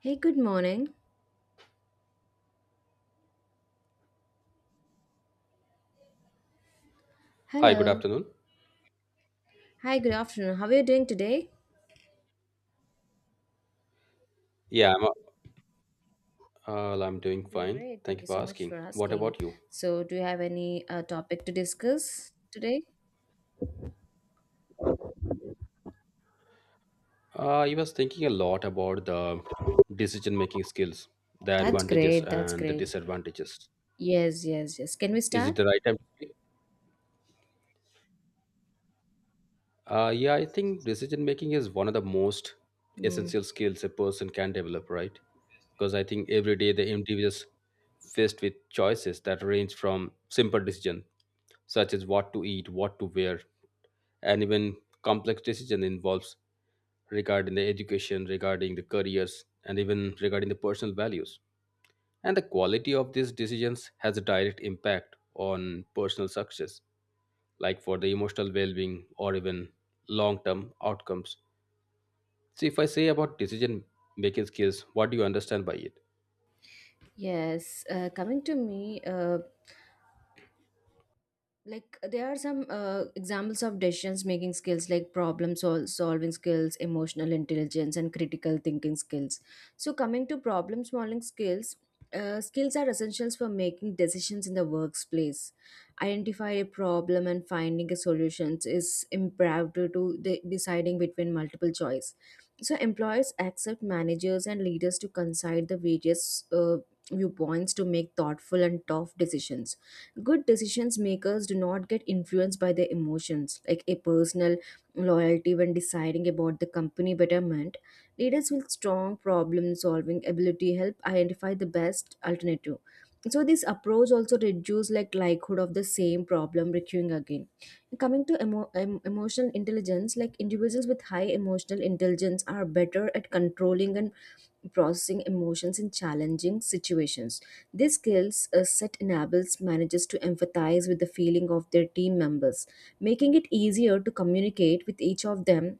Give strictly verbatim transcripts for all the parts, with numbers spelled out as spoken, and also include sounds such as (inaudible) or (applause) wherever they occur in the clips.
Hey, good morning. Hi, good Hello. afternoon. Hi, good afternoon. How are you doing today? Yeah, I'm, uh, well, I'm doing I'm doing fine. great. Thank Thank you you for so much for asking. What asking. about you? So, do you have any uh, topic to discuss today? Uh, I was thinking a lot about the decision making skills, the That's advantages great. That's and the great. disadvantages. Yes, yes, yes. Can we Is it start? the right time to speak? Uh, yeah, I think decision making is one of the most Mm, essential skills a person can develop, right? Because I think every day the individual is faced with choices that range from simple decision, such as what to eat, what to wear, and even complex decision involves regarding the education, regarding the careers, and even regarding the personal values. And the quality of these decisions has a direct impact on personal success, like for the emotional well being or even long term outcomes. See, if I say about decision making skills, what do you understand by it? yes. Uh, coming to me, uh, like uh, there are some uh, examples of decisions making skills like problem sol- solving skills, emotional intelligence, and critical thinking skills. So coming to problem solving skills, uh, skills are essentials for making decisions in the workplace. Identify a problem and finding a solutions is imperative to de- deciding between multiple choice. So employers accept managers and leaders to consider the various uh, viewpoints to make thoughtful and tough decisions. Good decisions makers do not get influenced by their emotions like a personal loyalty when deciding about the company betterment. Leaders with strong problem solving ability help identify the best alternative. So this approach also reduce like likelihood of the same problem recurring again. Coming to emo- em- emotional intelligence, like individuals with high emotional intelligence are better at controlling and processing emotions in challenging situations. These skills a set enables managers to empathize with the feeling of their team members, making it easier to communicate with each of them.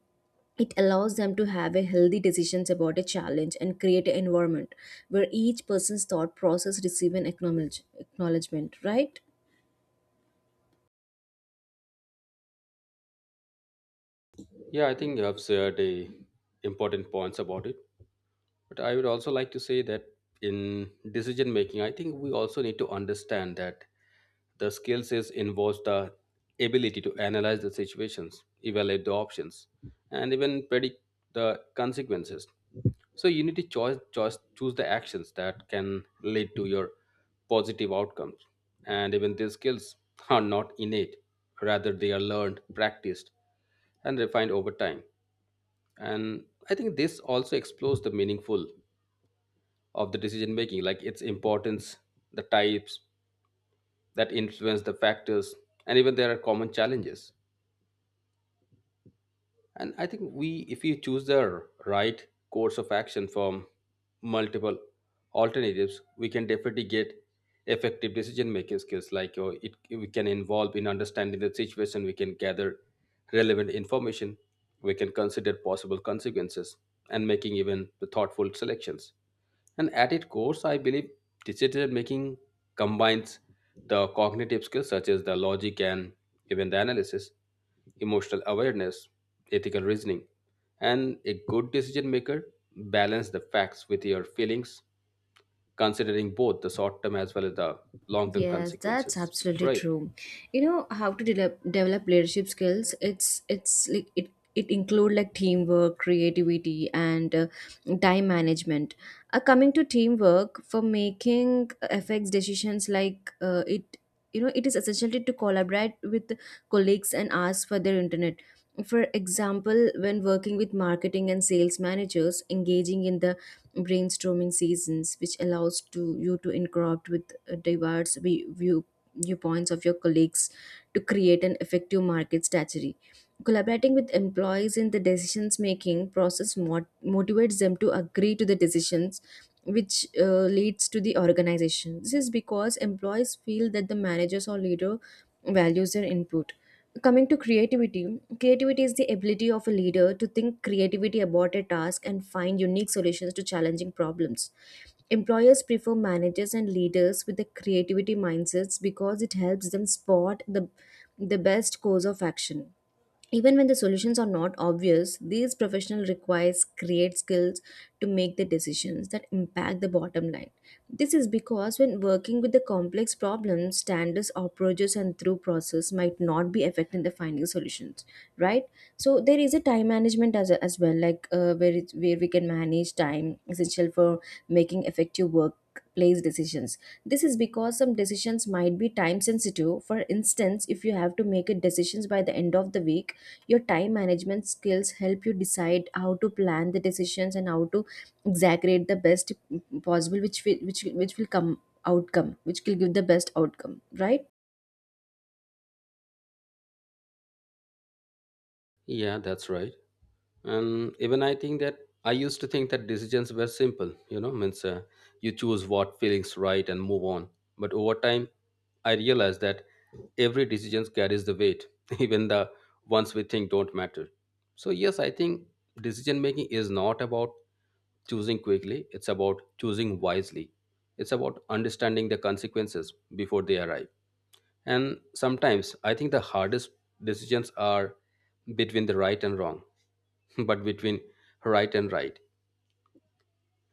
It allows them to have a healthy decisions about a challenge and create an environment where each person's thought process receive an acknowledge- acknowledgement, right? Yeah, I think you have shared a important points about it. But I would also like to say that in decision making, I think we also need to understand that the skills is involves the ability to analyze the situations, evaluate the options, and even predict the consequences. So you need to choose, choose choose the actions that can lead to your positive outcomes. And even these skills are not innate, rather they are learned, practiced, and refined over time. And I think this also explores the meaningful of the decision making, like its importance, the types, that influence the factors, and even there are common challenges. And I think, we if we choose the r- right course of action from multiple alternatives, we can definitely get effective decision making skills. Like uh, it, we can involve in understanding the situation, we can gather relevant information, we can consider possible consequences, and making even the thoughtful selections. And at its course, I believe decision making combines the cognitive skills such as the logic and even the analysis, emotional awareness, ethical reasoning, and a good decision maker balance the facts with your feelings, considering both the short term as well as the long term Yes, that's consequences. absolutely Right? true. You know how to develop develop leadership skills. It's it's like it it include like teamwork, creativity, and uh, time management. Uh, coming to teamwork for making uh, effects decisions, like uh, it you know it is essential to collaborate with colleagues and ask for their internet. For example, when working with marketing and sales managers, engaging in the brainstorming seasons, which allows to you to interact with uh, diverse vi- view viewpoints of your colleagues to create an effective market strategy. Collaborating with employees in the decisions making process mot- motivates them to agree to the decisions, which uh, leads to the organization. This is because employees feel that the managers or leader values their input. Coming to creativity, creativity is the ability of a leader to think creativity about a task and find unique solutions to challenging problems. Employers prefer managers and leaders with the creativity mindsets because it helps them spot the, the best course of action even when the solutions are not obvious. These professional requires create skills to make the decisions that impact the bottom line. This is because when working with the complex problems, standards, approaches, and through process might not be affecting the finding solutions, right? So there is a time management as, as well, like uh, where it's, where we can manage time essential for making effective workplace decisions. This is because some decisions might be time sensitive. For instance, if you have to make a decisions by the end of the week, your time management skills help you decide how to plan the decisions and how to exaggerate the best possible which will, which will- which will come outcome, which will give the best outcome, right? Yeah, that's right. And even I think that I used to think that decisions were simple, you know means uh, you choose what feelings right and move on. But over time I realized that every decision carries the weight (laughs) even the ones we think don't matter. So yes, I think decision making is not about choosing quickly, it's about choosing wisely. It's about understanding the consequences before they arrive. And sometimes I think the hardest decisions are between the right and wrong (laughs) but between right and right,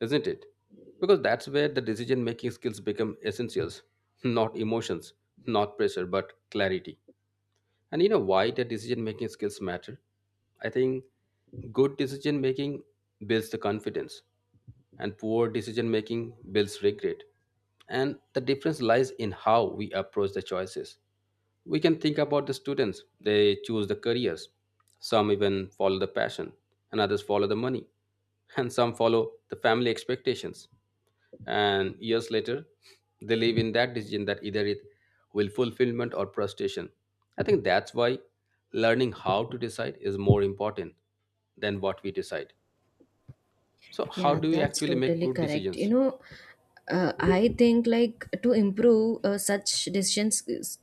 isn't it? Because that's where the decision making skills become essentials, not emotions, not pressure, but clarity. And you know why the decision making skills matter? I think good decision making builds the confidence, and poor decision making builds regret. And the difference lies in how we approach the choices. We can think about the students, they choose the careers. Some even follow the passion, and others follow the money, and some follow the family expectations, and years later they live in that decision that either it will fulfillment or frustration. I think that's why learning how to decide is more important than what we decide. So how Yeah, do we that's actually make totally good correct. You decisions? know, uh, I think like to improve uh, such decision skills,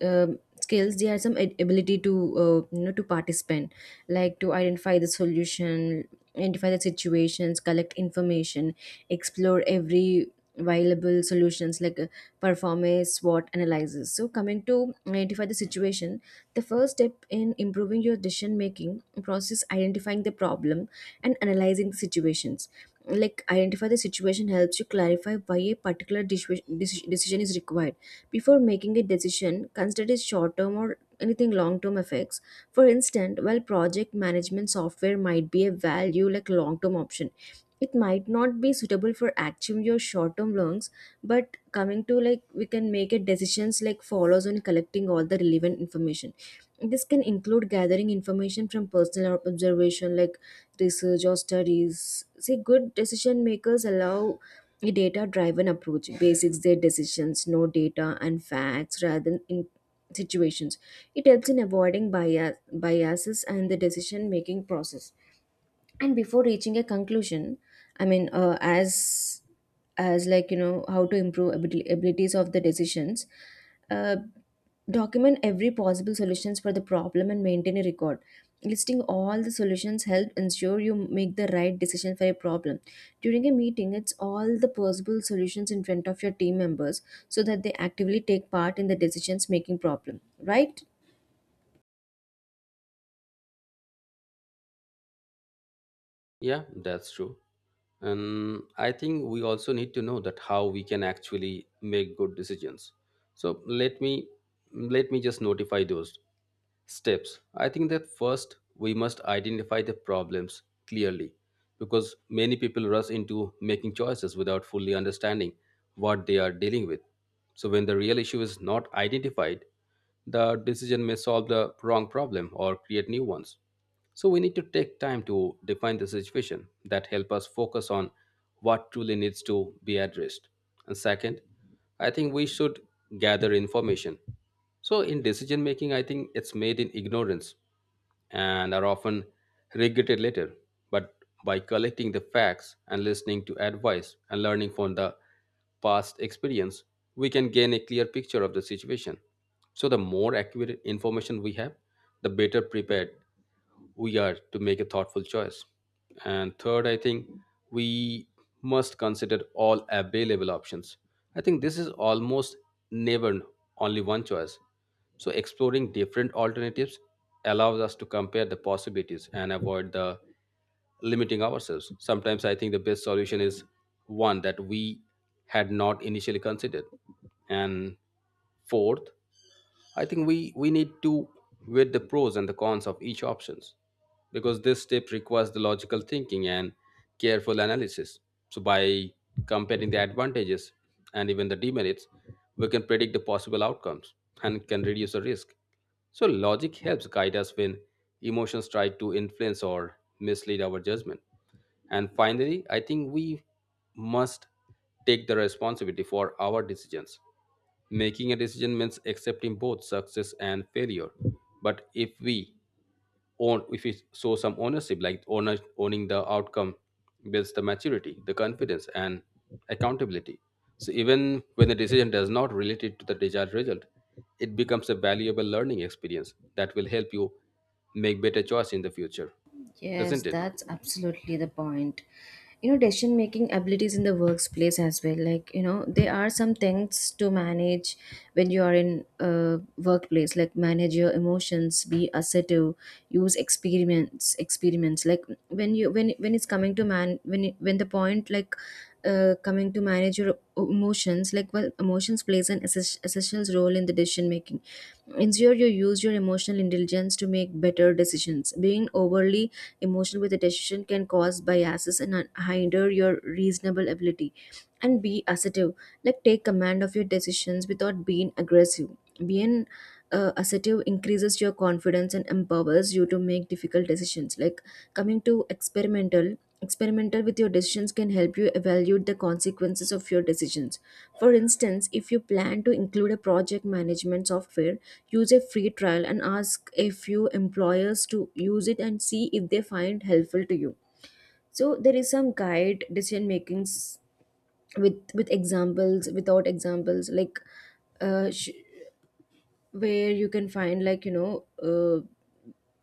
um skills, there are some ab- ability to uh, you know to participate, like to identify the solution, identify the situations, collect information, explore every viable solutions, like uh, perform a SWOT analysis. So coming to identify the situation, the first step in improving your decision making process identifying the problem and analyzing the situations, like identify the situation helps you clarify why a particular deci- deci- decision is required. Before making a decision, consider its short term or anything long term effects. For instance, while project management software might be a value like long term option, it might not be suitable for achieving your short term learns. But coming to like we can make it decisions like follows on collecting all the relevant information. This can include gathering information from personal ob- observation, like research or studies. See, good decision makers allow a data driven approach basics their decisions no data and facts rather than in situations. It helps in avoiding bias biases and the decision making process. And before reaching a conclusion, I mean, uh, as as like you know how to improve abil- abilities of the decisions, uh, document every possible solutions for the problem and maintain a record. Listing all the solutions help ensure you make the right decision for a problem. During a meeting, it's all the possible solutions in front of your team members so that they actively take part in the decisions making problem, right? Yeah, that's true. And I think we also need to know that how we can actually make good decisions. So let me let me just notify those steps. I think that first we must identify the problems clearly, because many people rush into making choices without fully understanding what they are dealing with. So when the real issue is not identified, the decision may solve the wrong problem or create new ones. So we need to take time to define the situation that help us focus on what truly needs to be addressed. And second, I think we should gather information. So in decision making, I think it's made in ignorance and are often regretted later. But by collecting the facts and listening to advice and learning from the past experience, we can gain a clear picture of the situation. So, the more accurate information we have, the better prepared we are to make a thoughtful choice. And third, I think we must consider all available options. I think this is almost never only one choice. So exploring different alternatives allows us to compare the possibilities and avoid the limiting ourselves. Sometimes I think the best solution is one that we had not initially considered. And fourth, I think we we need to weigh the pros and the cons of each options, because this step requires the logical thinking and careful analysis. So by comparing the advantages and even the demerits, we can predict the possible outcomes and can reduce the risk. So logic helps guide us when emotions try to influence or mislead our judgment. And finally, I think we must take the responsibility for our decisions. Making a decision means accepting both success and failure. But if we own, if we show some ownership, like owner, owning the outcome, builds the maturity, the confidence, and accountability. So even when the decision does not relate it to the desired result, it becomes a valuable learning experience that will help you make better choice in the future, Yes, isn't it? that's absolutely the point. You know, decision making abilities in the workplace as well. Like, you know, there are some things to manage when you are in a workplace, like manage your emotions, be assertive, use experiments, experiments. Like when you when when it's coming to man when it- when the point, like uh, coming to manage your emotions, like well, emotions plays an esses- essential role in the decision making. Ensure you use your emotional intelligence to make better decisions. Being overly emotion with a decision can cause biases and un- hinder your reasonable ability. And be assertive, like take command of your decisions without being aggressive. Being uh, assertive increases your confidence and empowers you to make difficult decisions. Like coming to experimental experimental with your decisions can help you evaluate the consequences of your decisions. For instance, if you plan to include a project management software, use a free trial and ask a few employers to use it and see if they find helpful to you. So there is some guide decision makings with with examples without examples, like uh, sh- where you can find like you know uh,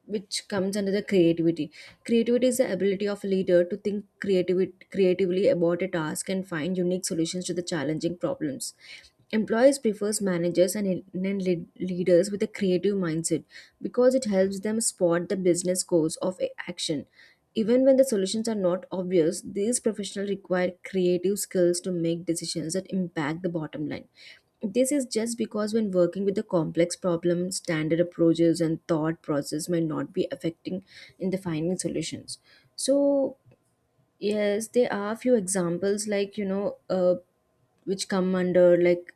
which comes under the creativity. Creativity is the ability of a leader to think creative, creatively about a task and find unique solutions to the challenging problems. Employees prefers managers and, and lead- leaders with a creative mindset, because it helps them spot the business goals of a- action even when the solutions are not obvious. These professionals require creative skills to make decisions that impact the bottom line. This is just because when working with a complex problem, standard approaches and thought process may not be affecting in the finding solutions. So yes, there are few examples like you know uh, which come under like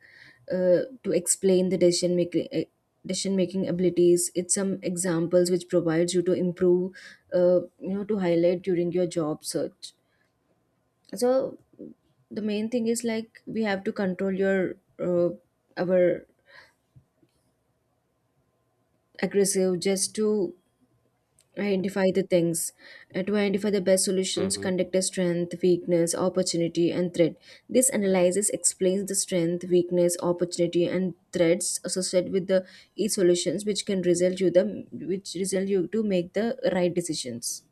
uh, to explain the decision making eh, decision making abilities. It's some examples which provides you to improve, uh, you know to highlight during your job search. So the main thing is like we have to control your uh, our aggressive just to identify the things, uh, to identify the best solutions. Hmm. Conduct a strength weakness opportunity and threat. This analysis explains the strength weakness opportunity and threats associated with the each solutions, which can result you the which result you to make the right decisions.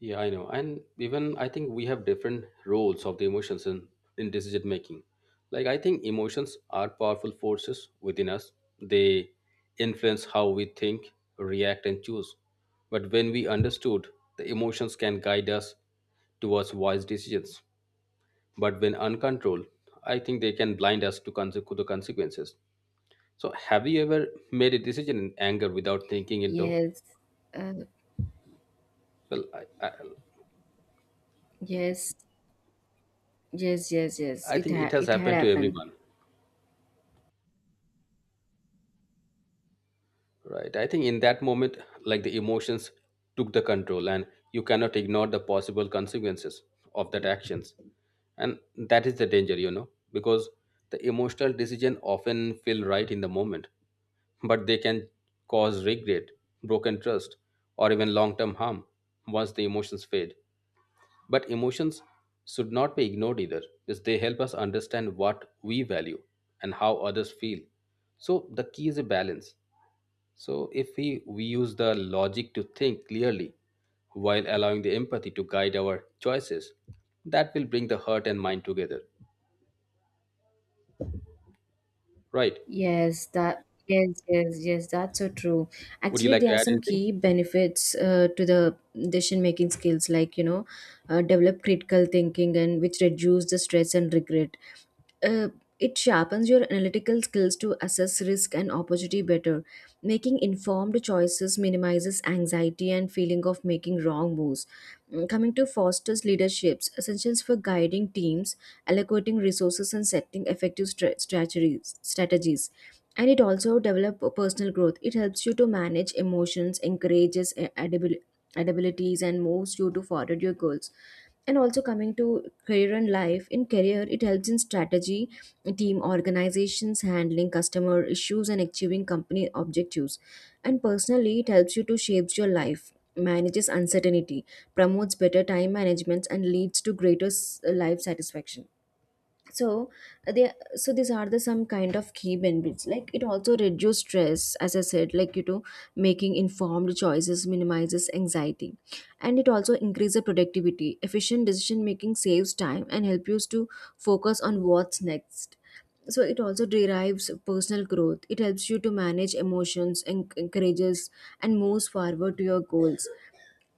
Yeah, I know. And even I think we have different roles of the emotions in, in decision making. Like I think emotions are powerful forces within us. They influence how we think, react and choose. But when we understood, the emotions can guide us towards wise decisions. But when uncontrolled, I think they can blind us to conse- to the consequences. So have you ever made a decision in anger without thinking it though? Yes. Uh, Well, I, I, yes. Yes. Yes. Yes. I It think it ha- has It had happened to happened. everyone. Right. I think in that moment, like the emotions took the control, and you cannot ignore the possible consequences of that actions. And that is the danger, you know, because the emotional decision often feel right in the moment, but they can cause regret, broken trust, or even long term harm once the emotions fade. But emotions should not be ignored either, because they help us understand what we value and how others feel. So the key is a balance. So, if we, we use the logic to think clearly while allowing the empathy to guide our choices, that will bring the heart and mind together, right? Yes, that yes, yes, yes, that's so true. Would you Actually, like to there are add some anything? key benefits uh, to the decision making skills, like you know, uh, develop critical thinking and which reduce the stress and regret. uh, it sharpens your analytical skills to assess risk and opportunity better. Making informed choices minimizes anxiety and feeling of making wrong moves. Mm, coming to Foster's leaderships, essentials for guiding teams, allocating resources, and setting effective stra- strategies. strategies. And it also develop personal growth. It helps you to manage emotions, encourages uh, adabil- abilities, and moves you to forward your goals. And also coming to career and life, in career it helps in strategy team organizations, handling customer issues and achieving company objectives. And personally, it helps you to shapes your life, manages uncertainty, promotes better time management, and leads to greater s- life satisfaction. So uh, they so these are the some kind of key benefits. Like it also reduces stress, as I said, like you know, making informed choices minimizes anxiety. And it also increases productivity. Efficient decision making saves time and help you to focus on what's next. So it also derives personal growth. It helps you to manage emotions and encourages and moves forward to your goals.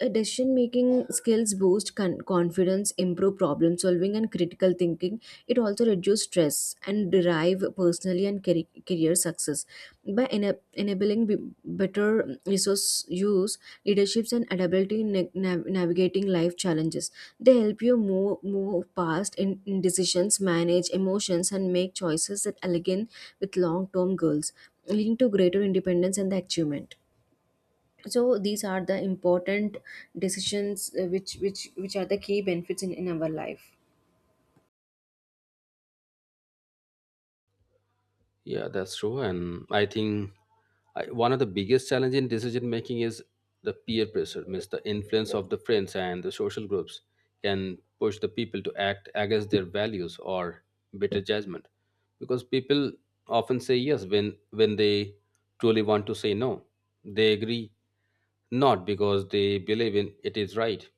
A decision making skills boost con- confidence, improve problem solving, and critical thinking. It also reduces stress and derive personally and cari- career success. By ena- enabling b- better resource use, leaderships, and adaptability in na- nav- navigating life challenges, they help you move, move past in, in decisions, manage emotions, and make choices that align with long term goals, leading to greater independence and the achievement. So these are the important decisions, uh, which which which are the key benefits in, in our life. Yeah, that's true. And I think I, one of the biggest challenge in decision making is the peer pressure, means the influence of the friends and the social groups can push the people to act against their values or better judgment. Because people often say yes when when they truly want to say no. They agree not because they believe in it is right,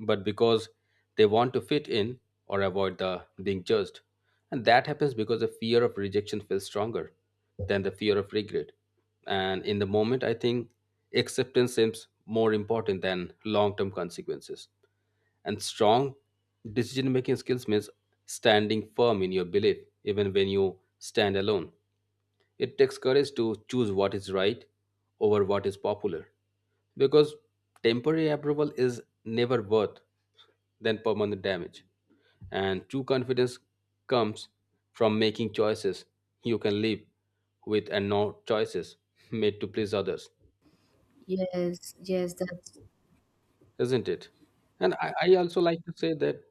but because they want to fit in or avoid the being judged. And that happens because the fear of rejection feels stronger than the fear of regret. And in the moment, I think acceptance seems more important than long term consequences. And strong decision making skills means standing firm in your belief, even when you stand alone. It takes courage to choose what is right over what is popular, because temporary approval is never worth than permanent damage. And true confidence comes from making choices you can live with and not choices made to please others, Yes, yes that's, isn't it? And I, I also like to say that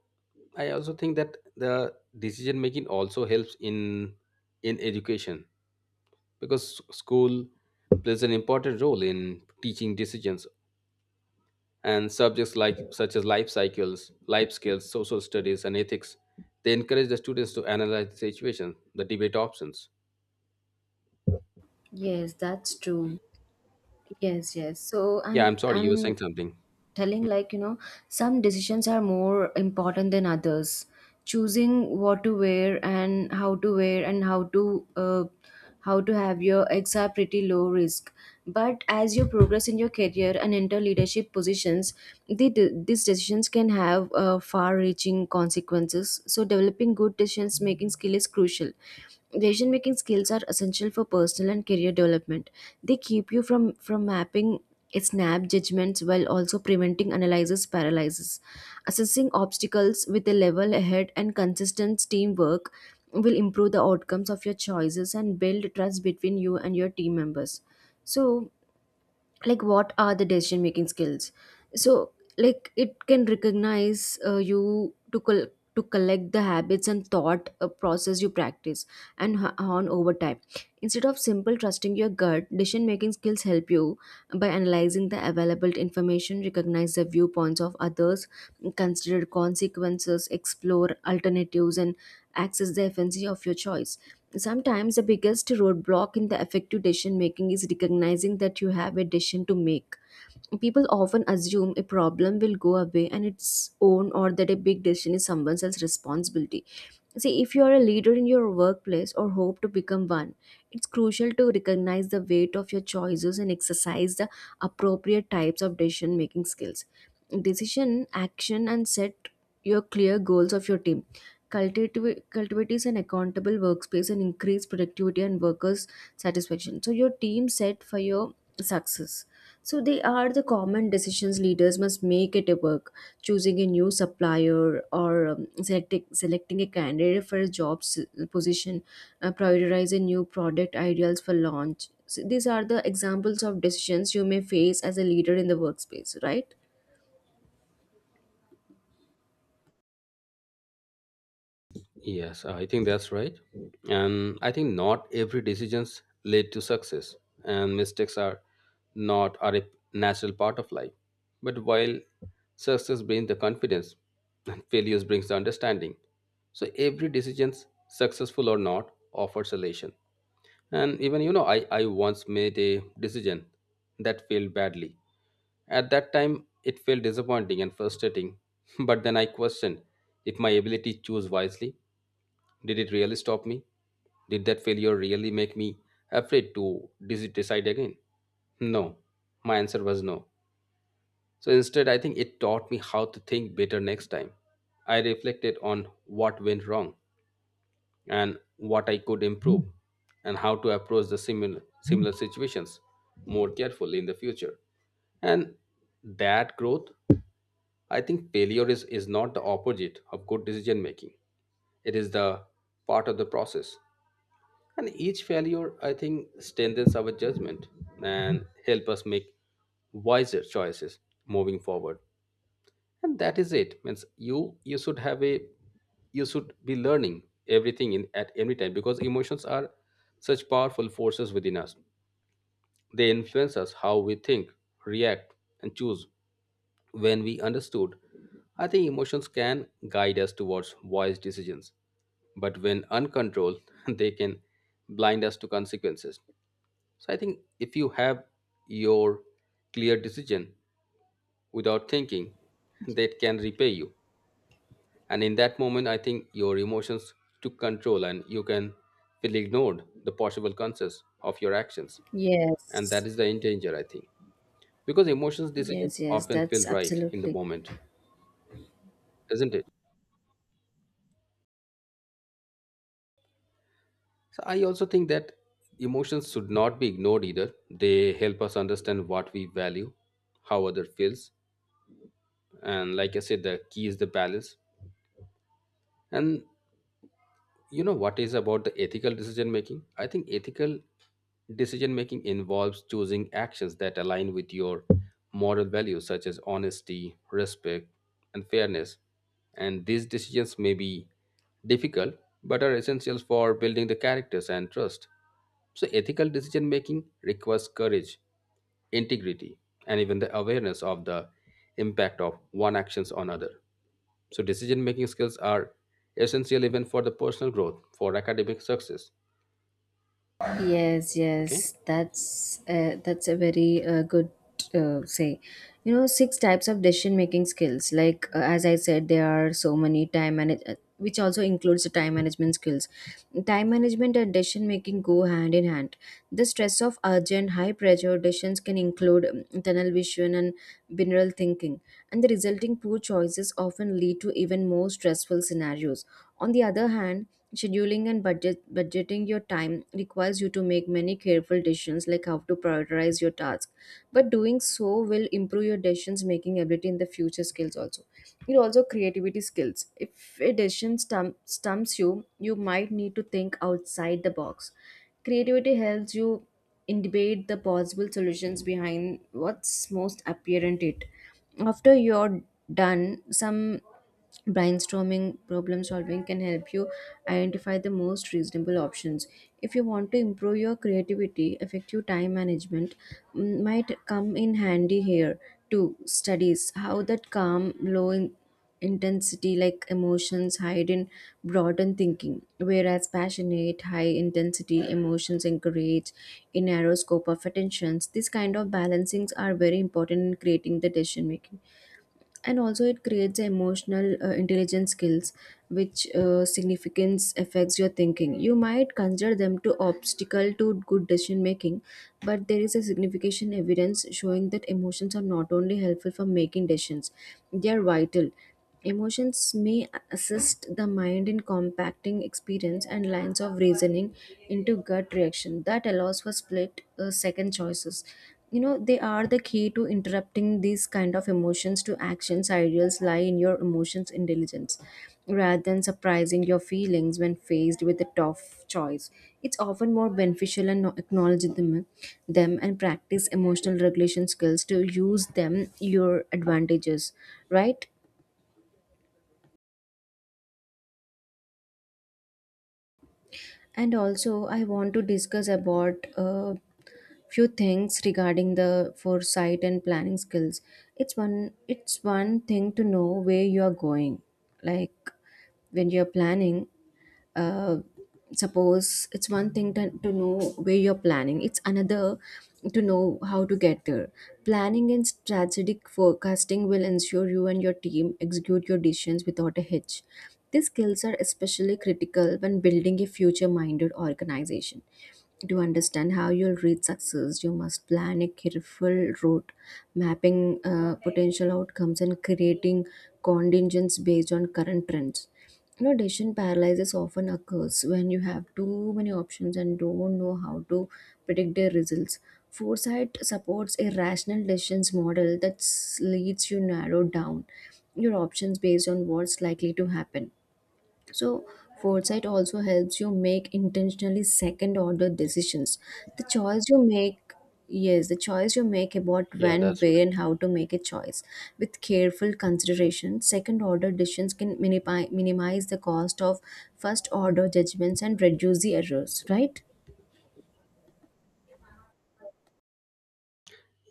I also think that the decision making also helps in in education, because school plays an important role in teaching decisions, and subjects like such as life cycles, life skills, social studies and ethics, they encourage the students to analyze the situation, the debate options. yes, that's true. Yes, yes. So Yeah, i'm I'm sorry, you were saying i'm something. telling, like you know some decisions are more important than others. Choosing what to wear and how to wear and how to uh, how to have your eggs are pretty low risk, but as you progress in your career and enter leadership positions, the, these decisions can have uh, far reaching consequences, so developing good decisions making skill is crucial. Decision making skills are essential for personal and career development. They keep you from from mapping it, snaps judgments, while also preventing analysis paralysis. Assessing obstacles with a level head and consistent teamwork will improve the outcomes of your choices and build trust between you and your team members. So, like, what are the decision making skills? So, like, it can recognize, uh, you to col- to collect the habits and thought uh, process you practice and h- on over time. Instead of simple trusting your gut, decision making skills help you by analyzing the available information, recognize the viewpoints of others, consider consequences, explore alternatives, and access the efficiency of your choice. Sometimes the biggest roadblock in the effective decision making is recognizing that you have a decision to make. People often assume a problem will go away on its own, or that a big decision is someone else's responsibility. See, if you are a leader in your workplace or hope to become one, it's crucial to recognize the weight of your choices and exercise the appropriate types of decision making skills, decision action, and set your clear goals of your team, cultivate cultivate is an accountable workspace, and increase productivity and workers satisfaction, so your team set for your success. So they are the common decisions leaders must make at a work: choosing a new supplier, or um, selecting, selecting a candidate for a job s- position, uh, prioritize a new product ideals for launch. So these are the examples of decisions you may face as a leader in the workspace, right? Yes, I think that's right. And I think not every decisions lead to success, and mistakes are not are a natural part of life. But while success brings the confidence, and failures brings the understanding. So every decisions, successful or not, offers a lesson. And even you know, I I once made a decision that failed badly. At that time, it felt disappointing and frustrating. (laughs) But then I questioned if my ability to choose wisely, did it really stop me? Did that failure really make me afraid to dis- decide again? No. My answer was no. So instead, I think it taught me how to think better next time. I reflected on what went wrong and what I could improve and how to approach the similar similar situations more carefully in the future. And that growth, I think failure is, is not the opposite of good decision making. It is the part of the process. And each failure, I think, strengthens our judgment and help us make wiser choices moving forward. And that is it. Means you you should have a, you should be learning everything in at every time, because emotions are such powerful forces within us. They influence us how we think, react, and choose. When we understood, I think emotions can guide us towards wise decisions, but when uncontrolled, (laughs) they can blind us to consequences. So I think if you have your clear decision without thinking, (laughs) that can repay you. And in that moment, I think your emotions took control and you can feel ignored the possible consequences of your actions. And that Yes. is the in danger, I think. Because emotions decisions Yes, yes, often that's feel right in the absolutely. moment, isn't it? So I also think that emotions should not be ignored either. They help us understand what we value, how other feels. And like I said, the key is the balance. And you know what is about the ethical decision making? I think ethical decision making involves choosing actions that align with your moral values such as honesty, respect and fairness. And these decisions may be difficult but are essential for building the characters and trust. So ethical decision making requires courage, integrity, and even the awareness of the impact of one actions on other. So, decision making skills are essential even for the personal growth, for academic success. Yes, Okay. yes, that's uh, that's a very uh, good uh, say. You know, six types of decision making skills. Like, uh, as I said, there are so many time manage, uh, which also includes the time management skills. Time management and decision making go hand in hand. The stress of urgent, high pressure decisions can include um, tunnel vision and binaural thinking, and the resulting poor choices often lead to even more stressful scenarios. On the other hand, scheduling and budget budgeting your time requires you to make many careful decisions, like how to prioritize your task. But doing so will improve your decisions making ability in the future skills also. It also creativity skills. If a decision stum- stumps you, you might need to think outside the box. Creativity helps you in debate the possible solutions behind what's most apparent it. After you're done some brainstorming, problem solving can help you identify the most reasonable options. If you want to improve your creativity, effective time management, mm, might come in handy here too. Studies how that calm, low in intensity like emotions hide in broaden thinking, whereas passionate, high intensity emotions encourage a narrow scope of attentions. These kind of balancings are very important in creating the decision making, and also it creates emotional uh, intelligence skills, which uh, significance affects your thinking. You might consider them to obstacle to good decision making, but there is a significant evidence showing that emotions are not only helpful for making decisions, they are vital. Emotions may assist the mind in compacting experience and lines of reasoning into gut reaction that allows for split uh, second choices. You know, they are the key to interrupting these kind of emotions to actions. Ideals lie in your emotions intelligence, rather than surprising your feelings when faced with a tough choice. It's often more beneficial and acknowledge them, them and practice emotional regulation skills to use them your advantages, right? And also I want to discuss about a few things regarding the foresight and planning skills. It's one it's one thing to know where you are going, like, when you're planning, uh, suppose it's one thing to, to know where you're planning, it's another to know how to get there. Planning and strategic forecasting will ensure you and your team execute your decisions without a hitch. These skills are especially critical when building a future-minded organization. To understand how you'll reach success, you must plan a careful route, mapping uh, potential outcomes, and creating contingents based on current trends. You know, decision paralysis often occurs when you have too many options and don't know how to predict their results. Foresight supports a rational decisions model that s- leads you narrow down your options based on what's likely to happen. So, foresight also helps you make intentionally second order decisions. The choice you make, yes, the choice you make about Yeah, when, that's where, and right. how to make a choice. With careful consideration, second order decisions can minimi- minimize the cost of first order judgments and reduce the errors, right?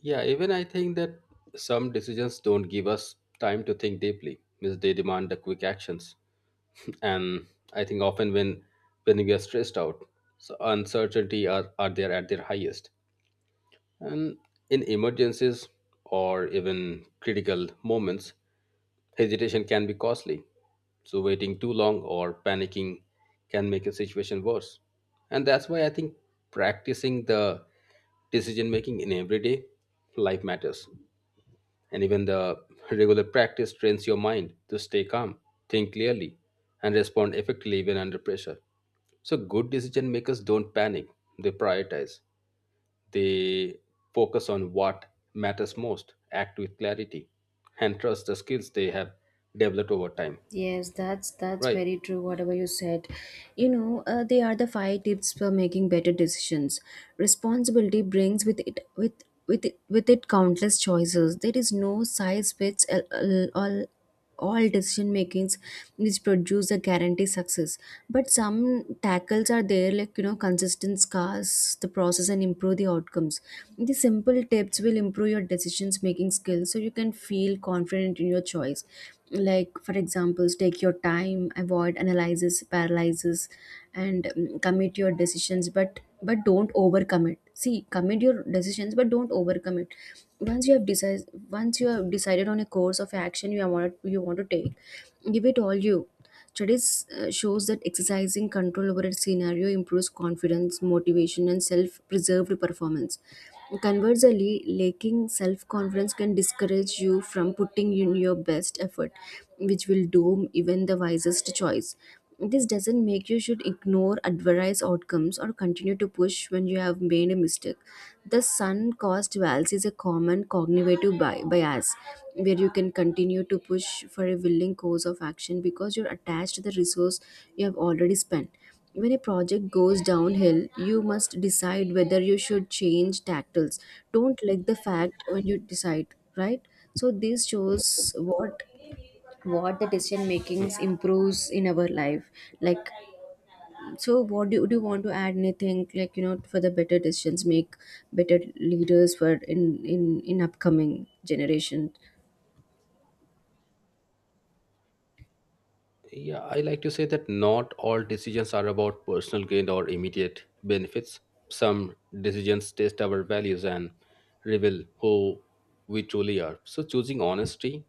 Yeah, even I think that some decisions don't give us time to think deeply, means they demand the quick actions. (laughs) And I think often when when we are stressed out, so uncertainty are, are there at their highest. And in emergencies or even critical moments, hesitation can be costly, so waiting too long or panicking can make a situation worse. And that's why I think practicing the decision making in everyday life matters. And even the regular practice trains your mind to stay calm, think clearly, and respond effectively even under pressure. So, good decision makers don't panic, they prioritize, they focus on what matters most, act with clarity, and trust the skills they have developed over time. Yes, that's that's Right. very true, whatever you said. You know, uh, they are the five tips for making better decisions. Responsibility brings with it with with it, with it countless choices. There is no size fits all all, all decision makings which produce a guarantee success. But some tackles are there, like, you know, consistent scars the process and improve the outcomes. The simple tips will improve your decisions making skills, so you can feel confident in your choice. Like, for examples, take your time, avoid analysis paralysis, and mm, commit your decisions but but don't overcommit. See, commit your decisions but don't overcommit. Once you have decided once you have decided on a course of action you want you want to take, give it all you. Studies uh, shows that exercising control over a scenario improves confidence, motivation, and self-preserved performance. Conversely, lacking self-confidence can discourage you from putting in your best effort, which will doom even the wisest choice. This doesn't make you should ignore adverse outcomes or continue to push when you have made a mistake. The sun cost bias is a common cognitive bi- bias, where you can continue to push for a willing course of action because you're attached to the resource you have already spent. When a project goes downhill, you must decide whether you should change tactics. Don't let the fact when you decide, right? So this shows what what the decision makings improves in our life. Like, so what do you, do you want to add anything, like, you know, for the better decisions make better leaders for in in in upcoming generation? Yeah, I like to say that not all decisions are about personal gain or immediate benefits. Some decisions test our values and reveal who we truly are. So choosing honesty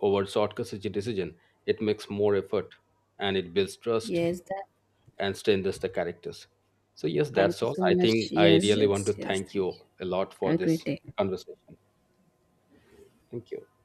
over shortcuts is a decision. It makes more effort and it builds trust Yes, that and strengthens the characters. So yes, thank that's you all. so I much. think I Yes, really want to yes, yes, thank thank you you. a lot for Have a great this day. conversation. Thank you.